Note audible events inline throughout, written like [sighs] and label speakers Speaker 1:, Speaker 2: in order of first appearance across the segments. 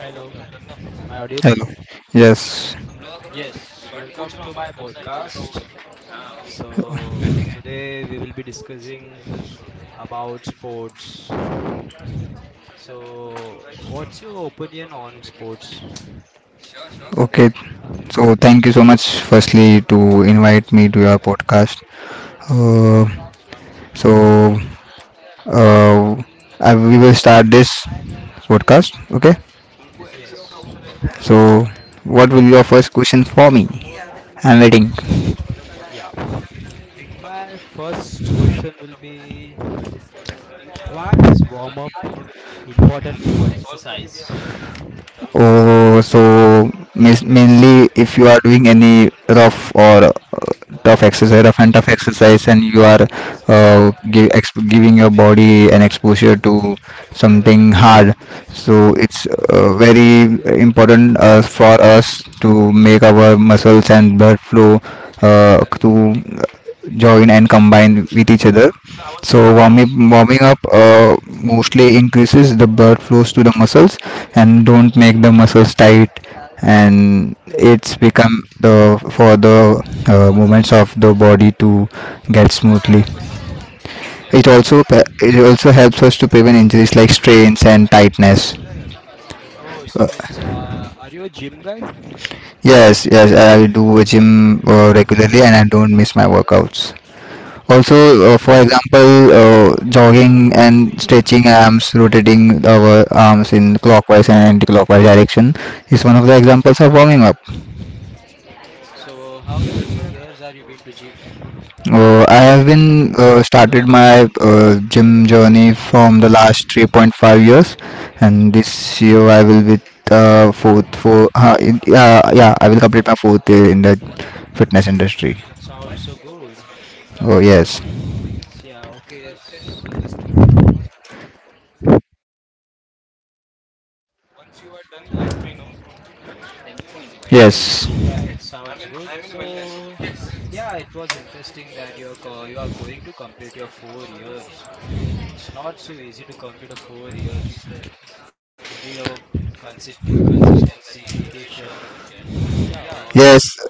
Speaker 1: Hello, am I
Speaker 2: Hello.
Speaker 1: audible?
Speaker 2: Yes.
Speaker 1: Yes, welcome to my podcast. So today we will be discussing about sports. So what's your opinion on sports?
Speaker 2: Okay. So thank you so much, firstly, to invite me to your podcast. Uh, so uh, we will start this podcast. Okay.
Speaker 1: Yes,
Speaker 2: So what will be your first question for me? I'm waiting.
Speaker 1: Yeah. My first question will be, why is warm up important before exercise?
Speaker 2: Oh, so mainly if you are doing any rough or tough exercise, rough and tough exercise, and you are giving your body an exposure to something hard, so it's very important for us to make our muscles and blood flow to join and combine with each other. So
Speaker 1: Yes.
Speaker 2: warming up mostly increases the blood flows to the muscles and don't make the muscles tight, and it's become the for the movements of the body to get smoothly. It also
Speaker 1: Oh,
Speaker 2: it also helps us to prevent injuries like strains and tightness.
Speaker 1: oh, so
Speaker 2: Uh,
Speaker 1: means are you a gym guy?
Speaker 2: yes, I do gym regularly and I don't miss my workouts. Also, for
Speaker 1: Oh.
Speaker 2: example, jogging and stretching arms, rotating our arms in clockwise and anti-clockwise direction is one of the examples of warming up.
Speaker 1: So how many years are you been to gym?
Speaker 2: I have been started my gym journey from the last 3.5 years, and this year I will be yeah, I will complete my fourth year in the fitness industry.
Speaker 1: Oh, it sounds so good.
Speaker 2: Oh yes,
Speaker 1: Yeah, okay. Okay,
Speaker 2: yes.
Speaker 1: yeah, it sounds good. So yeah, it was interesting that you are going to complete your 4 years. It's not so easy to complete a 4 years. You need a consistency, dedication. Yeah, all good.
Speaker 2: Yes,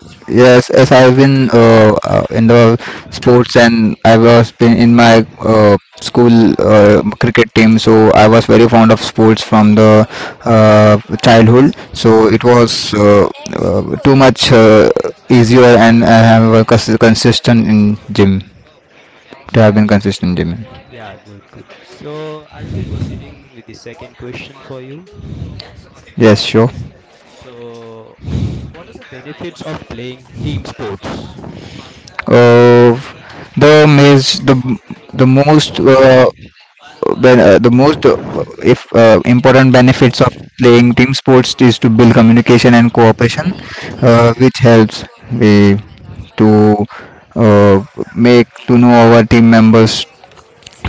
Speaker 2: yes, as I've been in the sports, and I was been in my school cricket team, so I was very fond of sports from the uh, childhood. So it was uh, too much easier, and I have a consistent in gym. To have been consistent in gym.
Speaker 1: Yeah, good, good. So I will be proceeding with the second question for you.
Speaker 2: Yes, sure.
Speaker 1: So what are the benefits of playing team sports?
Speaker 2: Uh, the maze, the most ben- the most if important benefits of playing team sports is to build communication and cooperation, which helps we to uh, make to know our team members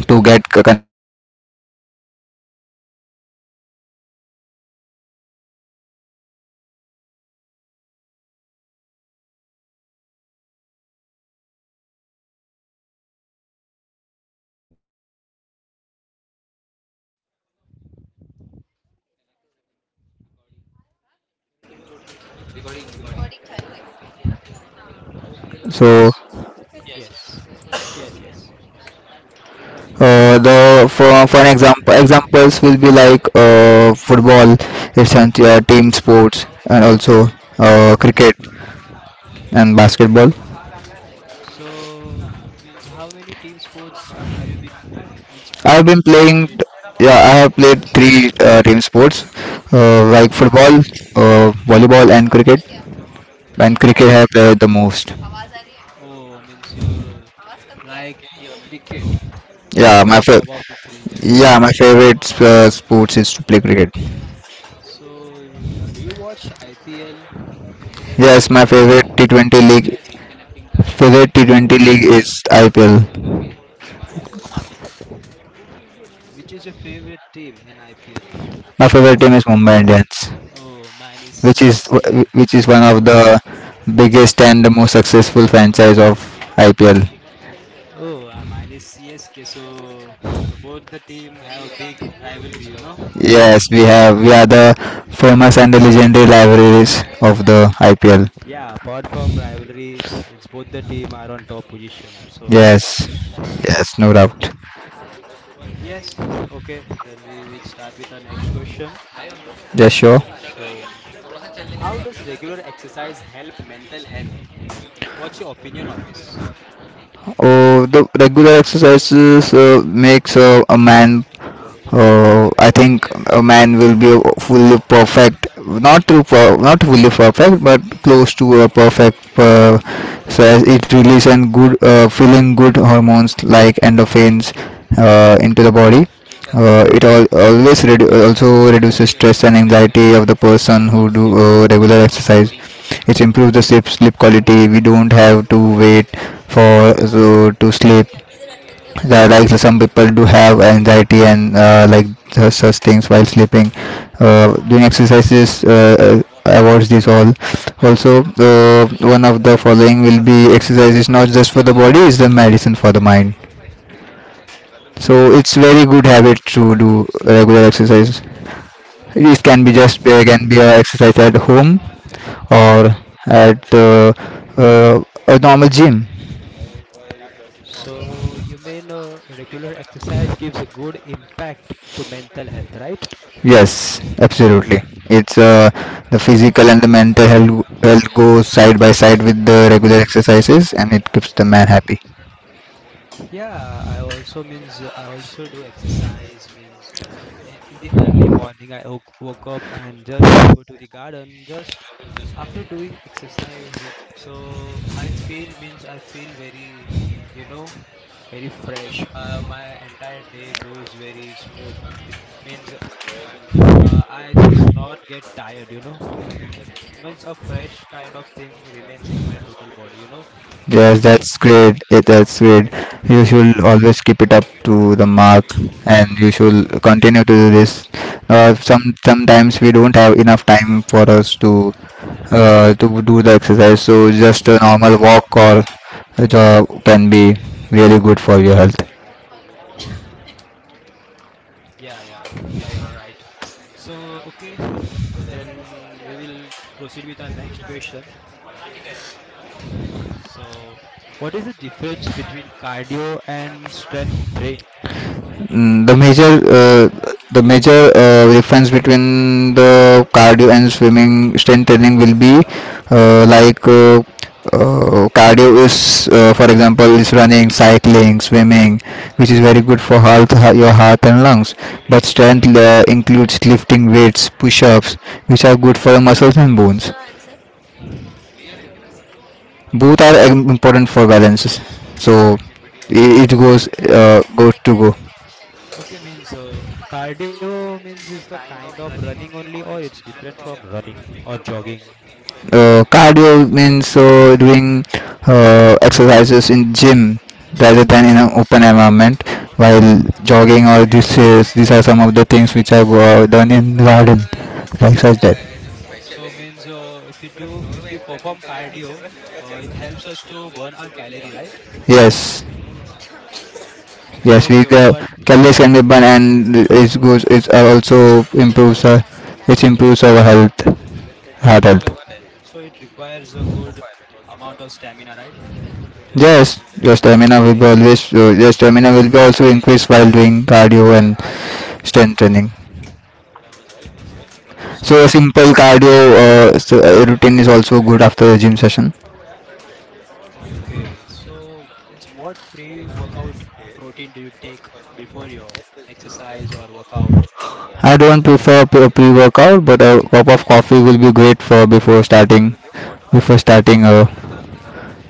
Speaker 2: to get connected to each other very nicely. The second benefits will be like teaching discipline, discipline and responsibility. So
Speaker 1: Yes, yes, yes.
Speaker 2: The for an examples will be like football. It's an team sports, and also cricket and basketball.
Speaker 1: So means how many team sports are you been, means
Speaker 2: I've
Speaker 1: playing
Speaker 2: been
Speaker 1: means or
Speaker 2: playing.
Speaker 1: played?
Speaker 2: Yeah, I have played three team sports, like football, volleyball, and cricket. And cricket I
Speaker 1: Uh,
Speaker 2: have played the most.
Speaker 1: oh, means you like cricket
Speaker 2: Yeah, my fa-
Speaker 1: about the three, yes.
Speaker 2: yeah, my favorite sports is to play cricket.
Speaker 1: So do you watch IPL?
Speaker 2: Yes, my favorite T20 league favorite T20 league is IPL.
Speaker 1: Which is your favorite team in IPL?
Speaker 2: My favorite team is Mumbai Indians,
Speaker 1: Oh, mine is
Speaker 2: which is
Speaker 1: CSK.
Speaker 2: which is one of the biggest and the most successful franchise of IPL.
Speaker 1: Oh, mine is CSK. So the, both the team have a big rivalry, you know.
Speaker 2: Yes, we are the famous and the legendary libraries of the IPL.
Speaker 1: Yeah, apart from rivalry, it's both the team are on top position, so no
Speaker 2: Yes,
Speaker 1: doubts.
Speaker 2: yes, no doubt.
Speaker 1: Yes, okay, then we will start with our next question.
Speaker 2: Yes, sure.
Speaker 1: So how does regular exercise help mental health? What's your opinion on this?
Speaker 2: Oh, the regular exercises makes a man I think a man will be fully perfect, not to per- not fully perfect, but close to a perfect. So it releases and good feeling good hormones like endorphins into the body. It also reduces stress and anxiety of the person who do regular exercise. It improves the sleep quality. We don't have to wait for so, to sleep. Yeah, like some people do have anxiety and like such things while sleeping. Doing exercises avoids this all. Also, one of the following will be exercises not just for the body, it's the medicine for the mind. So it's very good habit to do regular exercise. It can be just can be a exercise at home, or at uh, a normal gym.
Speaker 1: So you mean regular exercise gives a good impact to mental health, right?
Speaker 2: Yes, absolutely. It's the physical and the health go side by side with the regular exercises, and it keeps the man happy.
Speaker 1: Yeah, I also means I also do exercise means in the early morning I woke up and just go to the garden just after doing exercise, so I feel means I feel very, you know, very fresh. My entire day goes very smooth. Means I just not get tired, you know, means a fresh kind of thing remains in my total body, you know.
Speaker 2: Yes, that's great. That's great. You should always keep it up to the mark, and you should continue to do this. Some sometimes we don't have enough time for us to do the exercise, so just a normal walk or a jog can be really good for your health.
Speaker 1: Yeah, yeah, yeah, you're right. So okay, then we will proceed with our next question. So what is the difference between cardio and strength training?
Speaker 2: Mm, the major uh, the major difference between the cardio and swimming strength training will be uh, like uh, cardio is for example is running, cycling, swimming, which is very good for your heart and lungs. But strength includes lifting weights, push-ups, which are good for muscles and bones. Both are important for balances. So it goes goes to go.
Speaker 1: Okay, means cardio means is the kind of running only, or it's different from running or jogging.
Speaker 2: Cardio means doing exercises in gym rather than in an open environment, while jogging or this is these are some of the things which I've done in garden, like such that.
Speaker 1: So means if you perform cardio, it helps us to burn our calorie, right?
Speaker 2: Yes, yes we
Speaker 1: Okay, okay, but
Speaker 2: calories can be burned, and it also improves our it improves our health heart health.
Speaker 1: so so it requires a good amount of stamina, right?
Speaker 2: Yes, your stamina will be always your stamina will be also increased while doing cardio and strength training. So a
Speaker 1: So
Speaker 2: simple cardio routine is also good after a gym session.
Speaker 1: okay. So means what pre-workout protein do you take before your exercise or workout?
Speaker 2: I don't prefer pre-workout, but a cup of coffee will be great for before starting a,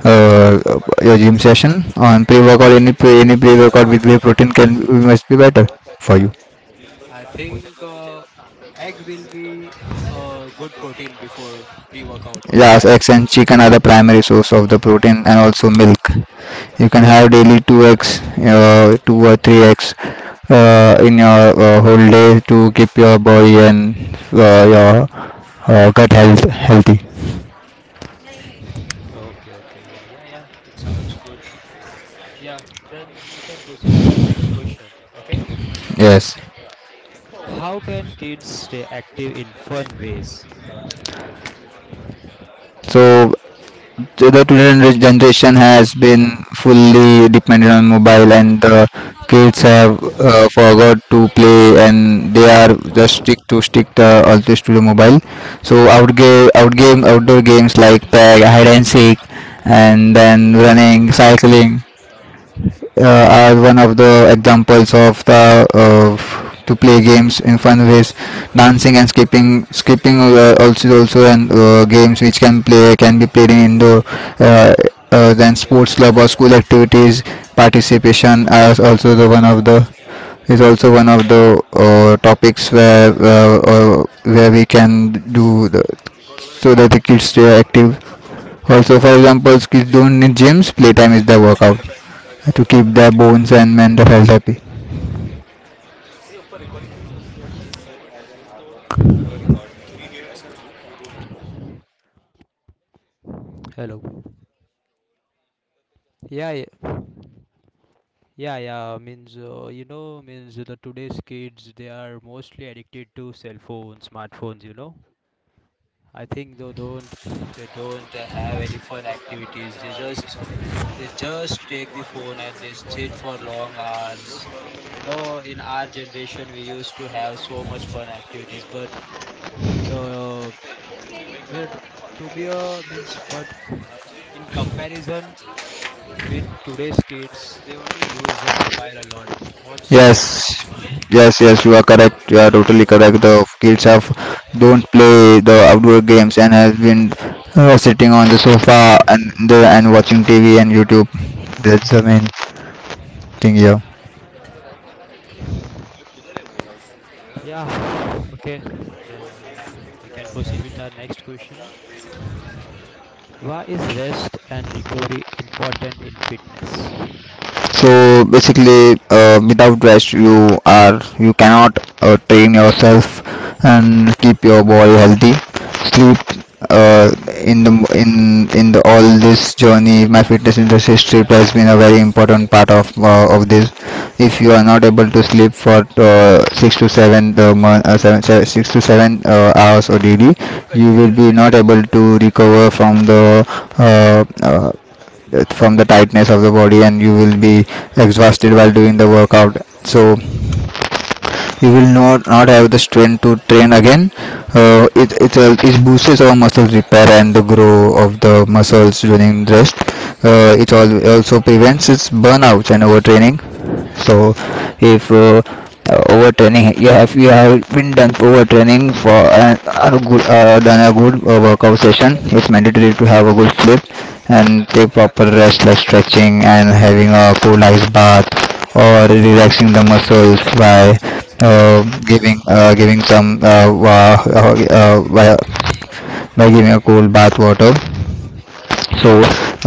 Speaker 2: your gym session. On pre-workout, any pre-workout with whey protein can must be better for you.
Speaker 1: I think egg will be a good protein before pre-workout,
Speaker 2: Yes,
Speaker 1: right?
Speaker 2: eggs and chicken are the primary source of the protein and also milk. You can have daily 2 eggs, 2 or 3 eggs, in your whole day to keep your body and your gut health healthy.
Speaker 1: Okay, okay. Yeah, yeah, yeah. It sounds good. Yeah, then we can proceed with our next question, okay?
Speaker 2: Yes.
Speaker 1: How can kids stay active in fun ways?
Speaker 2: So so the today generation has been fully dependent on mobile, and the kids have forgot to play, and they are just stick always to the mobile. So outdoor games like tag, hide and seek, and then running, cycling are one of the examples of the of to play games in fun ways. Dancing and skipping also, also and games which can be played in indoor. uh, then sports club or school activities participation are also the one of the is also one of the topics where we can do. The so that the kids stay active. Also, for example, kids don't need gyms, playtime is their workout to keep their bones and mental health happy.
Speaker 1: Hello. Yeah, yeah. Yeah, yeah, means you know, means the today's kids, they are mostly addicted to cell phones, smartphones, you know. I think they don't, they don't have any fun activities. They just, they just take the phone and they sit for long hours. You know, in our generation we used to have so much fun activities, but uh, we're to be a means but in comparison with today's kids, they only use a mobile a lot. What's your
Speaker 2: Yes,
Speaker 1: opinion?
Speaker 2: yes, yes, you are correct. You are totally correct. The kids have don't play the outdoor games, and have been sitting on the sofa and watching TV and YouTube. That's the main thing here.
Speaker 1: Yeah, okay. Then we can proceed with our next question. Why is rest and recovery important in fitness?
Speaker 2: Basically without rest you are you cannot train yourself and keep your body healthy. Sleep, uh, in the all this journey, my fitness industry trip has been a very important part of this. If you are not able to sleep for 6 to 7, the mon- seven, seven, 6 to 7 hours or daily, you will be not able to recover uh, uh, from the tightness of the body, and you will be exhausted while doing the workout. So you will not have the strength to train again. It it boosts our muscle repair and the grow of the muscles during rest. It also prevents its burnouts and overtraining. So if overtraining you have been done overtraining for a good workout session, it's mandatory to have a good sleep and take proper rest, like stretching and having a cool ice bath, or relaxing the muscles by uh, giving giving some wa- by giving a cool bath water. So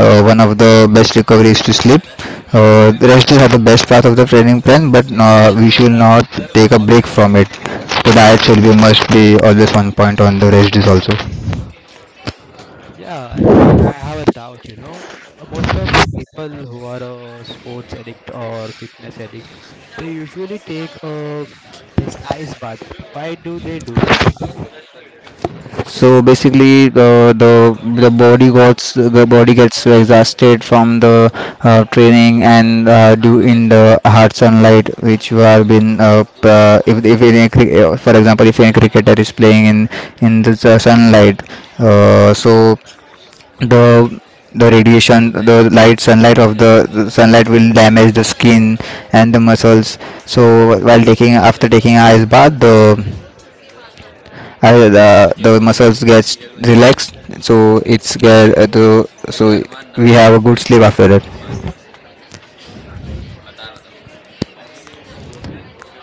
Speaker 2: one of the best recovery is to sleep. Rest is the best part of the training plan, but we should not take a break from it. So diet should be must be always one point on the rest is also.
Speaker 1: Yeah, actually, I have a doubt. You know, most of the people who are a sports addict or fitness addict, they usually take a [tsk] means ice bath. Why do they do that?
Speaker 2: So basically, the body gets exhausted from the training and due in the hard sunlight, which you have been if any, for example, if any cricketer is playing in the sunlight, so the the radiation, the sunlight will damage the skin and the muscles. So while taking after taking ice bath, the muscles gets relaxed. So so we have a good sleep after that.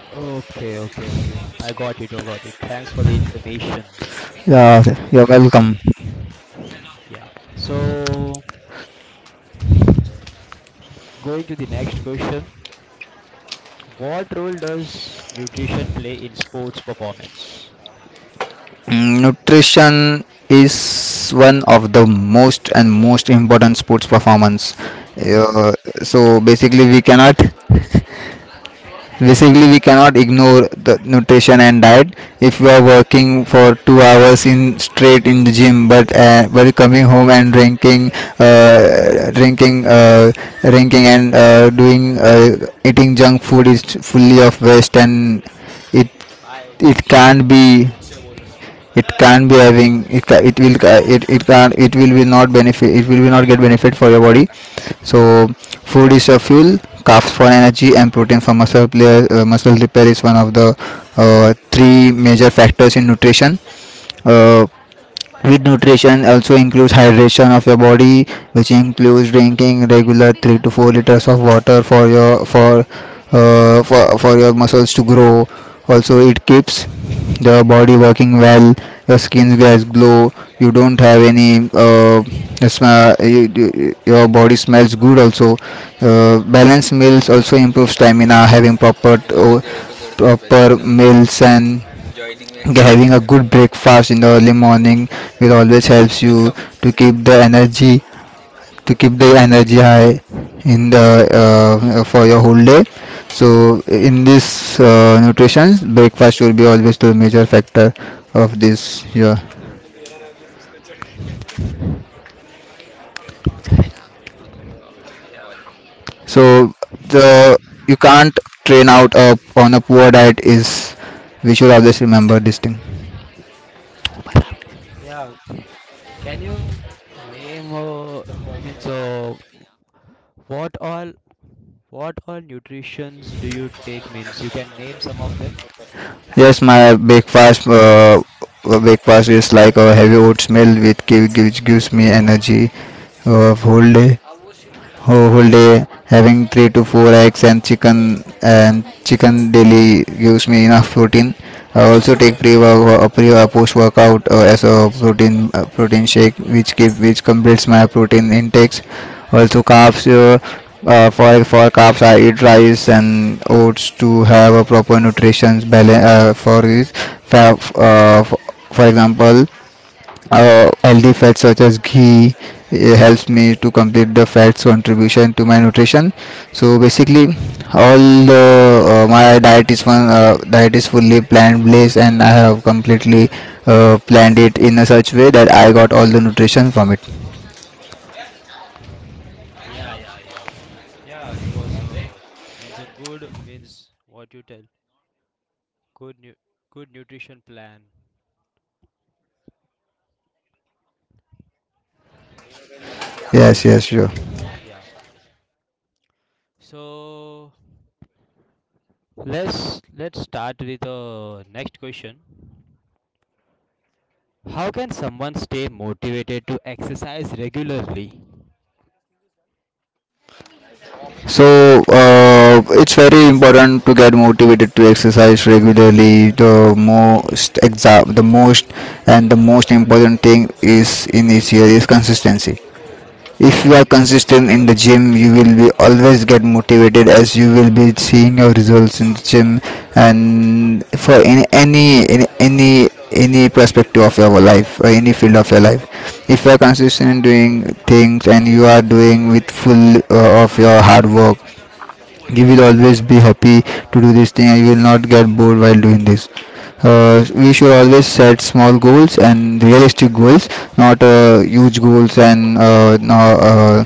Speaker 1: Okay, okay, okay. I got it. I got it. Thanks for the information.
Speaker 2: Yeah, you're welcome.
Speaker 1: Yeah. So going to the next question, what role does nutrition play in sports performance?
Speaker 2: Nutrition is one of the most and most important sports performance. uh, so basically we cannot Basically, we cannot ignore the nutrition and diet. If we are working for 2 hours in straight in the gym, but coming home and drinking, uh, drinking, uh, and doing eating junk food is fully of waste, and it it can't be it can't be having it will be not get benefit for your body. So food is a fuel. Carbs for energy and protein for muscle repair is one of the three major factors in nutrition. uh, with nutrition also includes hydration of your body, which includes drinking regular 3 to 4 liters of water for your muscles to grow. Also, it keeps the body working well. Your skin gets glow. You don't have any smell. Your body smells good. Also, balanced meals also improve stamina. Having proper meals and having a good breakfast in the early morning will always helps you to keep the energy to keep the energy high in the for your whole day. So in this nutrition, breakfast will be always the major factor of this, yeah.
Speaker 1: Yeah.
Speaker 2: So the you can't train out up on a poor diet is, we should always remember this thing.
Speaker 1: Yeah. Can you name means what all, what all nutritions do you take means you can name some of them?
Speaker 2: Yes, my breakfast is like a heavy oatmeal with which gives me energy uh, whole day whole, day, having three to four eggs and chicken daily gives me enough protein. I also take pre or post workout, as a protein shake, which keep which completes my protein intakes. Also carbs. For carbs, I eat rice and oats to have a proper nutrition balance. For this, for uh, for example, healthy fats such as ghee helps me to complete the fats contribution to my nutrition. So basically, all the, my diet is one diet is fully plant based, and I have completely planned it in a such way that I got all the nutrition from it.
Speaker 1: Yeah, yeah, yeah. Yeah, it was a means a good means what you tell, good nu good nutrition plan.
Speaker 2: Yes, yes, sure.
Speaker 1: Yeah. So let's start with the next question. How can someone stay motivated to exercise regularly?
Speaker 2: So it's very important to get motivated to exercise regularly. The most exa- the most and the most important thing is in this year is consistency. If you are consistent in the gym, you will be always get motivated, as you will be seeing your results in the gym, and for any perspective of your life or any field of your life. If you are consistent in doing things and you are doing with full, of your hard work, you will always be happy to do this thing and you will not get bored while doing this. We should always set small goals and realistic goals, not huge goals, and no,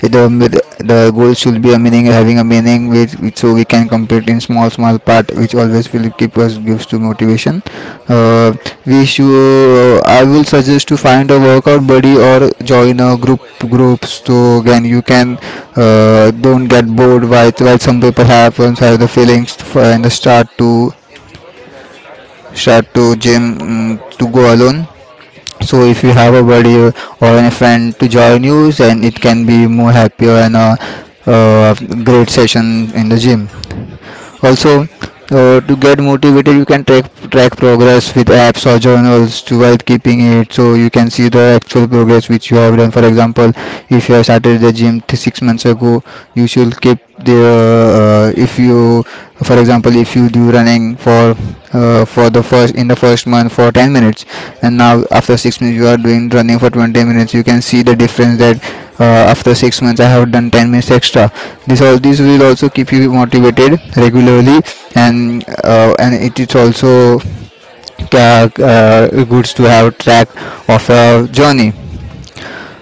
Speaker 2: the the goal should be a meaning, having a meaning, which so we can complete in small part, which always will keep us gives to motivation. uh, we should I will suggest to find a workout buddy or join a group groups, so again you can don't get bored while some people have the feelings for, and start to gym, to go alone. So if you have a buddy or a friend to join you, then it can be more happier and a, uh great session in the gym. Also, to get motivated, you can track progress with apps or journals, to while keeping it, so you can see the actual progress which you have done. For example, if you have started the gym 6 months ago, you should keep the if you for example, if you do running for the first in the first month for 10 minutes, and now after 6 months you are doing running for 20 minutes. You can see the difference that, after 6 months I have done 10 minutes extra. This will also keep you motivated regularly. And and it is also good to have track of your journey.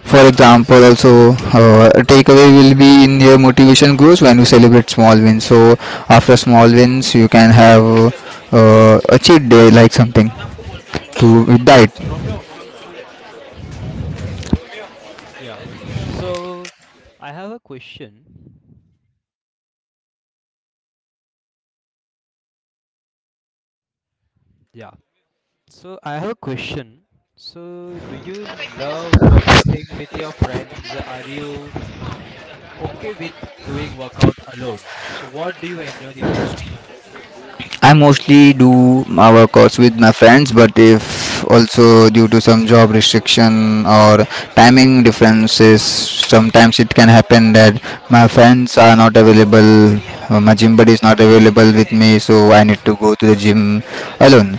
Speaker 2: For example, also, takeaway will be in your motivation grows when you celebrate small wins. So after small wins, you can have a cheat day, like something, to with diet.
Speaker 1: Yeah. So I have a question. Yeah. So I have a question. So do you love workouting with your friends? Are you okay with doing workout alone? So what do you enjoy the most?
Speaker 2: I mostly do my workouts with my friends, but if also due to some job restriction or timing differences, sometimes it can happen that my friends are not available, my gym buddy is not available with me, so I need to go to the gym alone.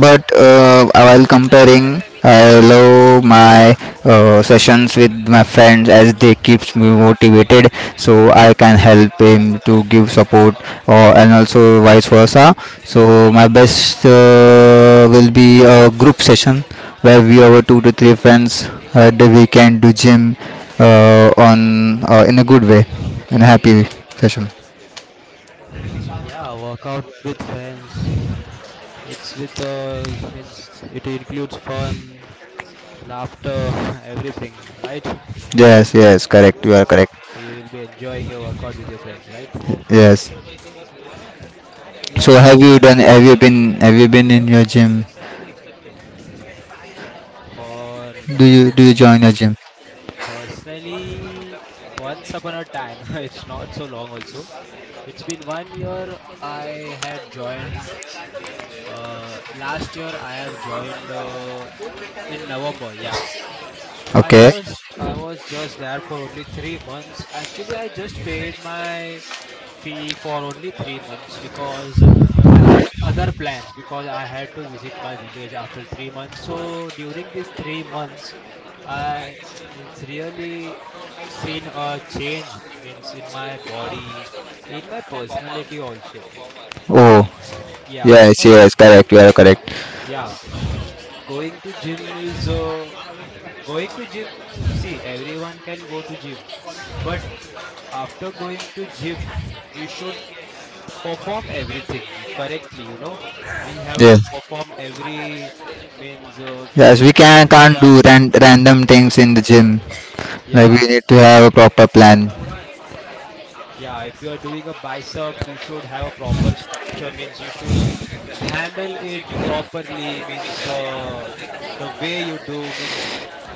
Speaker 2: But while comparing, I love my sessions with my friends, as they keeps me motivated, so I can help him to give support, or and also vice versa. So my best will be a group session where we our two to three friends, that we can do gym, on in a good way, in a happy session.
Speaker 1: Yeah, workout with friends. It's with means it includes fun, laughter, everything, right?
Speaker 2: Yes, yes, correct. You are correct.
Speaker 1: So you will be enjoying your workout with your friends, right?
Speaker 2: Yes. So
Speaker 1: Yeah.
Speaker 2: have you done? Have you been? Have you been in your gym?
Speaker 1: For
Speaker 2: Do you
Speaker 1: uh,
Speaker 2: join a gym?
Speaker 1: personally, once upon a time, [laughs] it's not so long. Also, it's been 1 year I had joined. Last year I have joined in November. Yeah, I
Speaker 2: Okay.
Speaker 1: just, I was just there for only 3 months. Actually, I just paid my fee for only 3 months because I had other plans, because I had to visit my village after 3 months. So during these 3 months, I [tsk] means really seen a change means in my body, in my personality also
Speaker 2: Oh
Speaker 1: means. Yeah,
Speaker 2: yes,
Speaker 1: but
Speaker 2: yes, correct. You are correct.
Speaker 1: yeah, going to gym is uh, going to gym, see, everyone can go to gym, but after going to gym, we should perform everything you correctly, you know, we have
Speaker 2: Yeah.
Speaker 1: to perform every means
Speaker 2: Yes, we can
Speaker 1: if you
Speaker 2: can't
Speaker 1: are
Speaker 2: do random things in the gym. Like,
Speaker 1: yeah,
Speaker 2: we need to have a proper plan.
Speaker 1: yeah, if you are doing a bicep, you should have a proper structure means you should handle it properly means the way you do means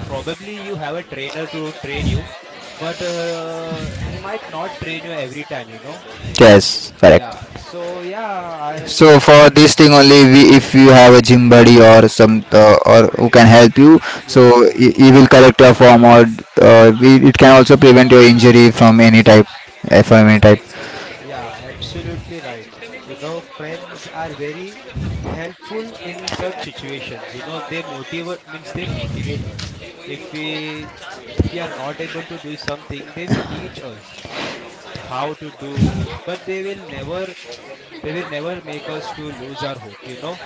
Speaker 1: probably you have a trainer to train you, but he might not train you every time, you know.
Speaker 2: Yes, correct.
Speaker 1: Yeah, so yeah, I
Speaker 2: So
Speaker 1: means
Speaker 2: for this thing only, if you have a gym buddy or some, or who can help you, so he,
Speaker 1: yeah.
Speaker 2: he will correct your form, or it can also prevent your injury from any type, from any type.
Speaker 1: Yeah, absolutely right. You know, friends are very helpful in such situations. You know, they motivate means they motivate us. If we, if we are not able to do something, they will teach us how to do, but they will never, they will never make us to lose our hope, you know.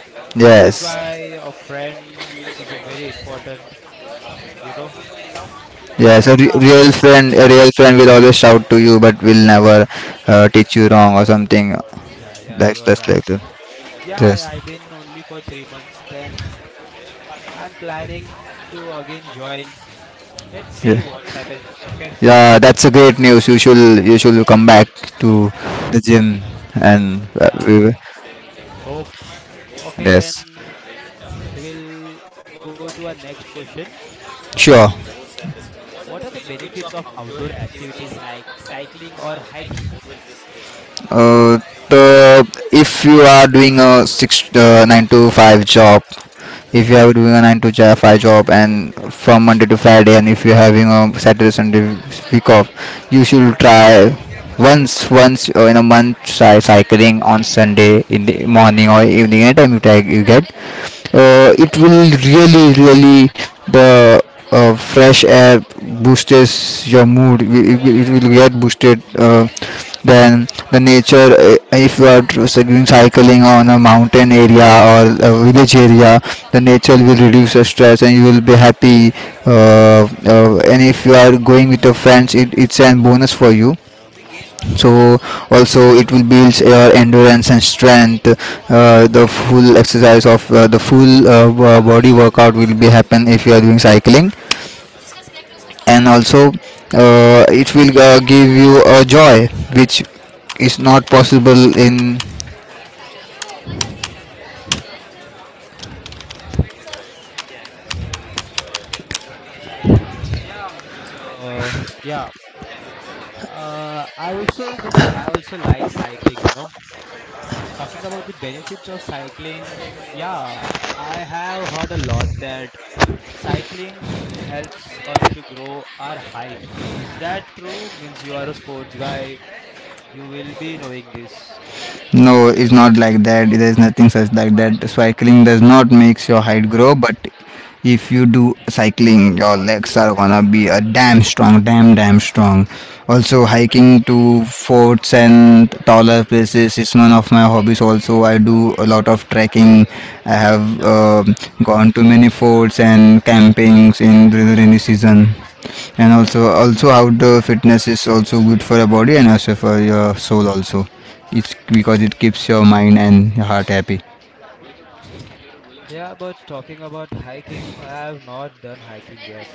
Speaker 1: That's
Speaker 2: Yes,
Speaker 1: why a friend means is a very important, you know. Yeah,
Speaker 2: yes. A
Speaker 1: then
Speaker 2: re- real
Speaker 1: after,
Speaker 2: friend, a
Speaker 1: yeah,
Speaker 2: real friend will always shout to you, but will never teach you wrong or something.
Speaker 1: yeah, yeah, you
Speaker 2: That's
Speaker 1: are
Speaker 2: that's
Speaker 1: right.
Speaker 2: like that.
Speaker 1: Yeah,
Speaker 2: Yes,
Speaker 1: I've been only for 3 months. Then I'm planning to again join. Let's see
Speaker 2: yeah,
Speaker 1: what's happened. Okay.
Speaker 2: yeah. That's a great news. You should come back to the gym, and
Speaker 1: Yeah.
Speaker 2: we will-
Speaker 1: Hope. Okay,
Speaker 2: Yes,
Speaker 1: then we will go to our next question.
Speaker 2: sure.
Speaker 1: What are the benefits of outdoor activities like cycling or hiking?
Speaker 2: Uh, the, if you are doing a six nine to five job, if you are doing a nine to five job, and from Monday to Friday, and if you're having a Saturday Sunday week off, you should try once in a month, try cycling on Sunday in the morning or evening, anytime you try you get. It will really really the fresh air boosts your mood. It will get boosted. Then the nature, if you are doing cycling on a mountain area or a village area, the nature will reduce your stress and you will be happy. And if you are going with your friends, it's an bonus for you. So also it will build your endurance and strength. The full body workout will be happen if you are doing cycling, and also it will give you a joy which is not possible in.
Speaker 1: Yeah, means uh, yeah. I also means I also like cycling. You know, talking about the benefits of cycling, yeah, I have heard a lot that cycling helps us to grow our height. Is that true? Means you are a sports guy, you will be knowing this.
Speaker 2: No, it's not like that. There's nothing such like that. Cycling does not makes your height grow, but if you do cycling, your legs are gonna be a damn strong, damn damn strong. Also, hiking to forts and taller places is one of my hobbies. Also, I do a lot of trekking. I have gone to many forts and campings in during the rainy season. And also outdoor fitness is also good for your body and also for your soul also. It's because it keeps your mind and your heart happy.
Speaker 1: Yeah, but talking about hiking, I have not done hiking yet.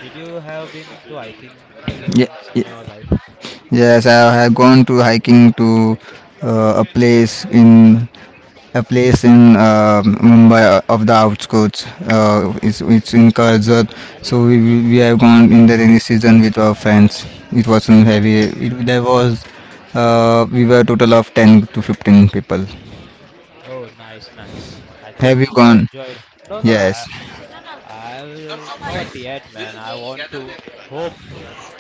Speaker 1: Did you have been to hiking? Hiking
Speaker 2: Ye-
Speaker 1: means in
Speaker 2: ye-
Speaker 1: your life.
Speaker 2: Yes, I have gone to hiking to, uh, a place in a place in, Mumbai, of the outskirts. It's in Karjat. So we have gone in the rainy season with our friends. It wasn't heavy. It, there was we were total of 10 to 15 people.
Speaker 1: Oh, nice, nice. I
Speaker 2: Have
Speaker 1: think
Speaker 2: you
Speaker 1: you have
Speaker 2: gone?
Speaker 1: enjoyed. No, no,
Speaker 2: Yes.
Speaker 1: I will not yet, man. I want to. Hope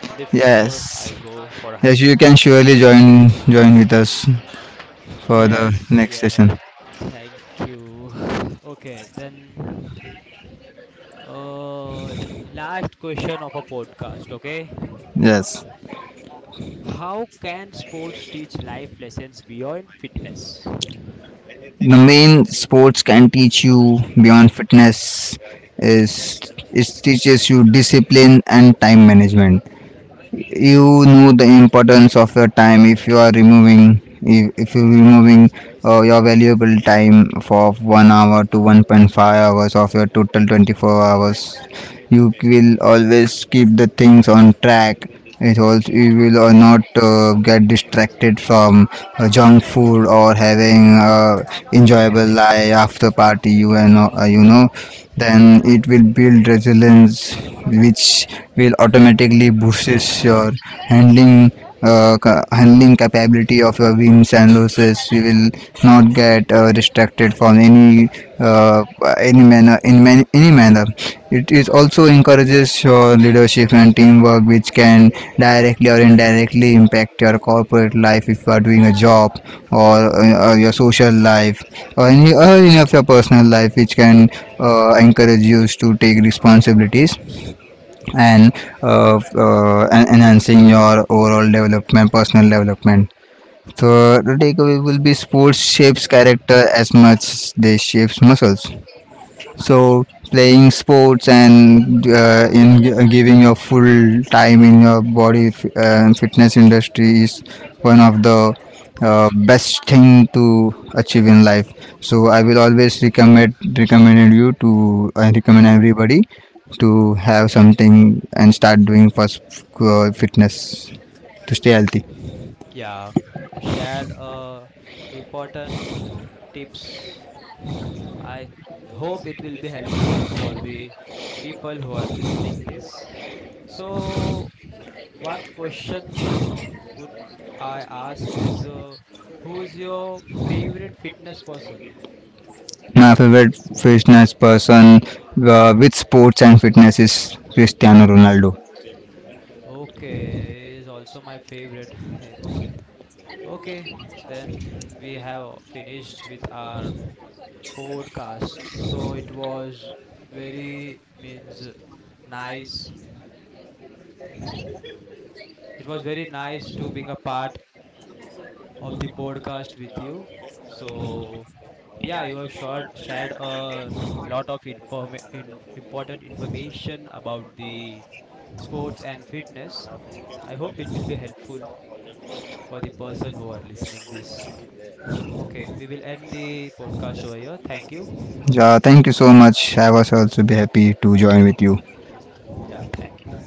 Speaker 1: in the future
Speaker 2: Yes.
Speaker 1: I go for
Speaker 2: Yes, you
Speaker 1: hiking.
Speaker 2: can surely join with us for the
Speaker 1: Yes,
Speaker 2: next
Speaker 1: yes.
Speaker 2: session.
Speaker 1: Thank you. [sighs] Okay, then. Uh, Last question of a podcast, okay?
Speaker 2: Yes.
Speaker 1: How can sports teach life lessons beyond fitness?
Speaker 2: The main sports can teach you beyond fitness is, it teaches you discipline and time management. You know the importance of your time. If you are removing, if you're removing your valuable time for 1 hour to 1.5 hours of your total 24 hours, you will always keep the things on track. It also, you will not get distracted from junk food or having enjoyable life after party, you, and you know, then it will build resilience, which will automatically boosts your handling handling capability of your wins and losses. You will not get distracted from uh, any manner in any manner. It is also encourages your leadership and teamwork, which can directly or indirectly impact your corporate life if you are doing a job, or, or your social life, or any of your personal life, which can encourage you to take responsibilities and enhancing your overall development, personal development. So the takeaway will be, sports shapes character as much they shapes muscles. So playing sports and giving your full time in your body, and fitness industry is one of the best thing to achieve in life. So I will always recommend recommended you to I recommend everybody to have something and start doing first, fitness, to stay healthy.
Speaker 1: Yeah, you shared important tips. I hope it will be helpful for the people who are listening this. So one question would I ask is who's your favorite fitness person?
Speaker 2: My favorite fitness person, with sports and fitness, is Cristiano Ronaldo.
Speaker 1: Okay, is also my favorite. [laughs] Okay, then we have finished with our podcast. So it was very means nice. It was very nice to being a part of the podcast with you. So yeah, you have shared a lot of important information about the sports and fitness. I hope it will be helpful for the person who are listening this. Okay, we will end the podcast over here. Thank you.
Speaker 2: Yeah, thank you so much. I was also be happy to join with you.
Speaker 1: Yeah, thank you.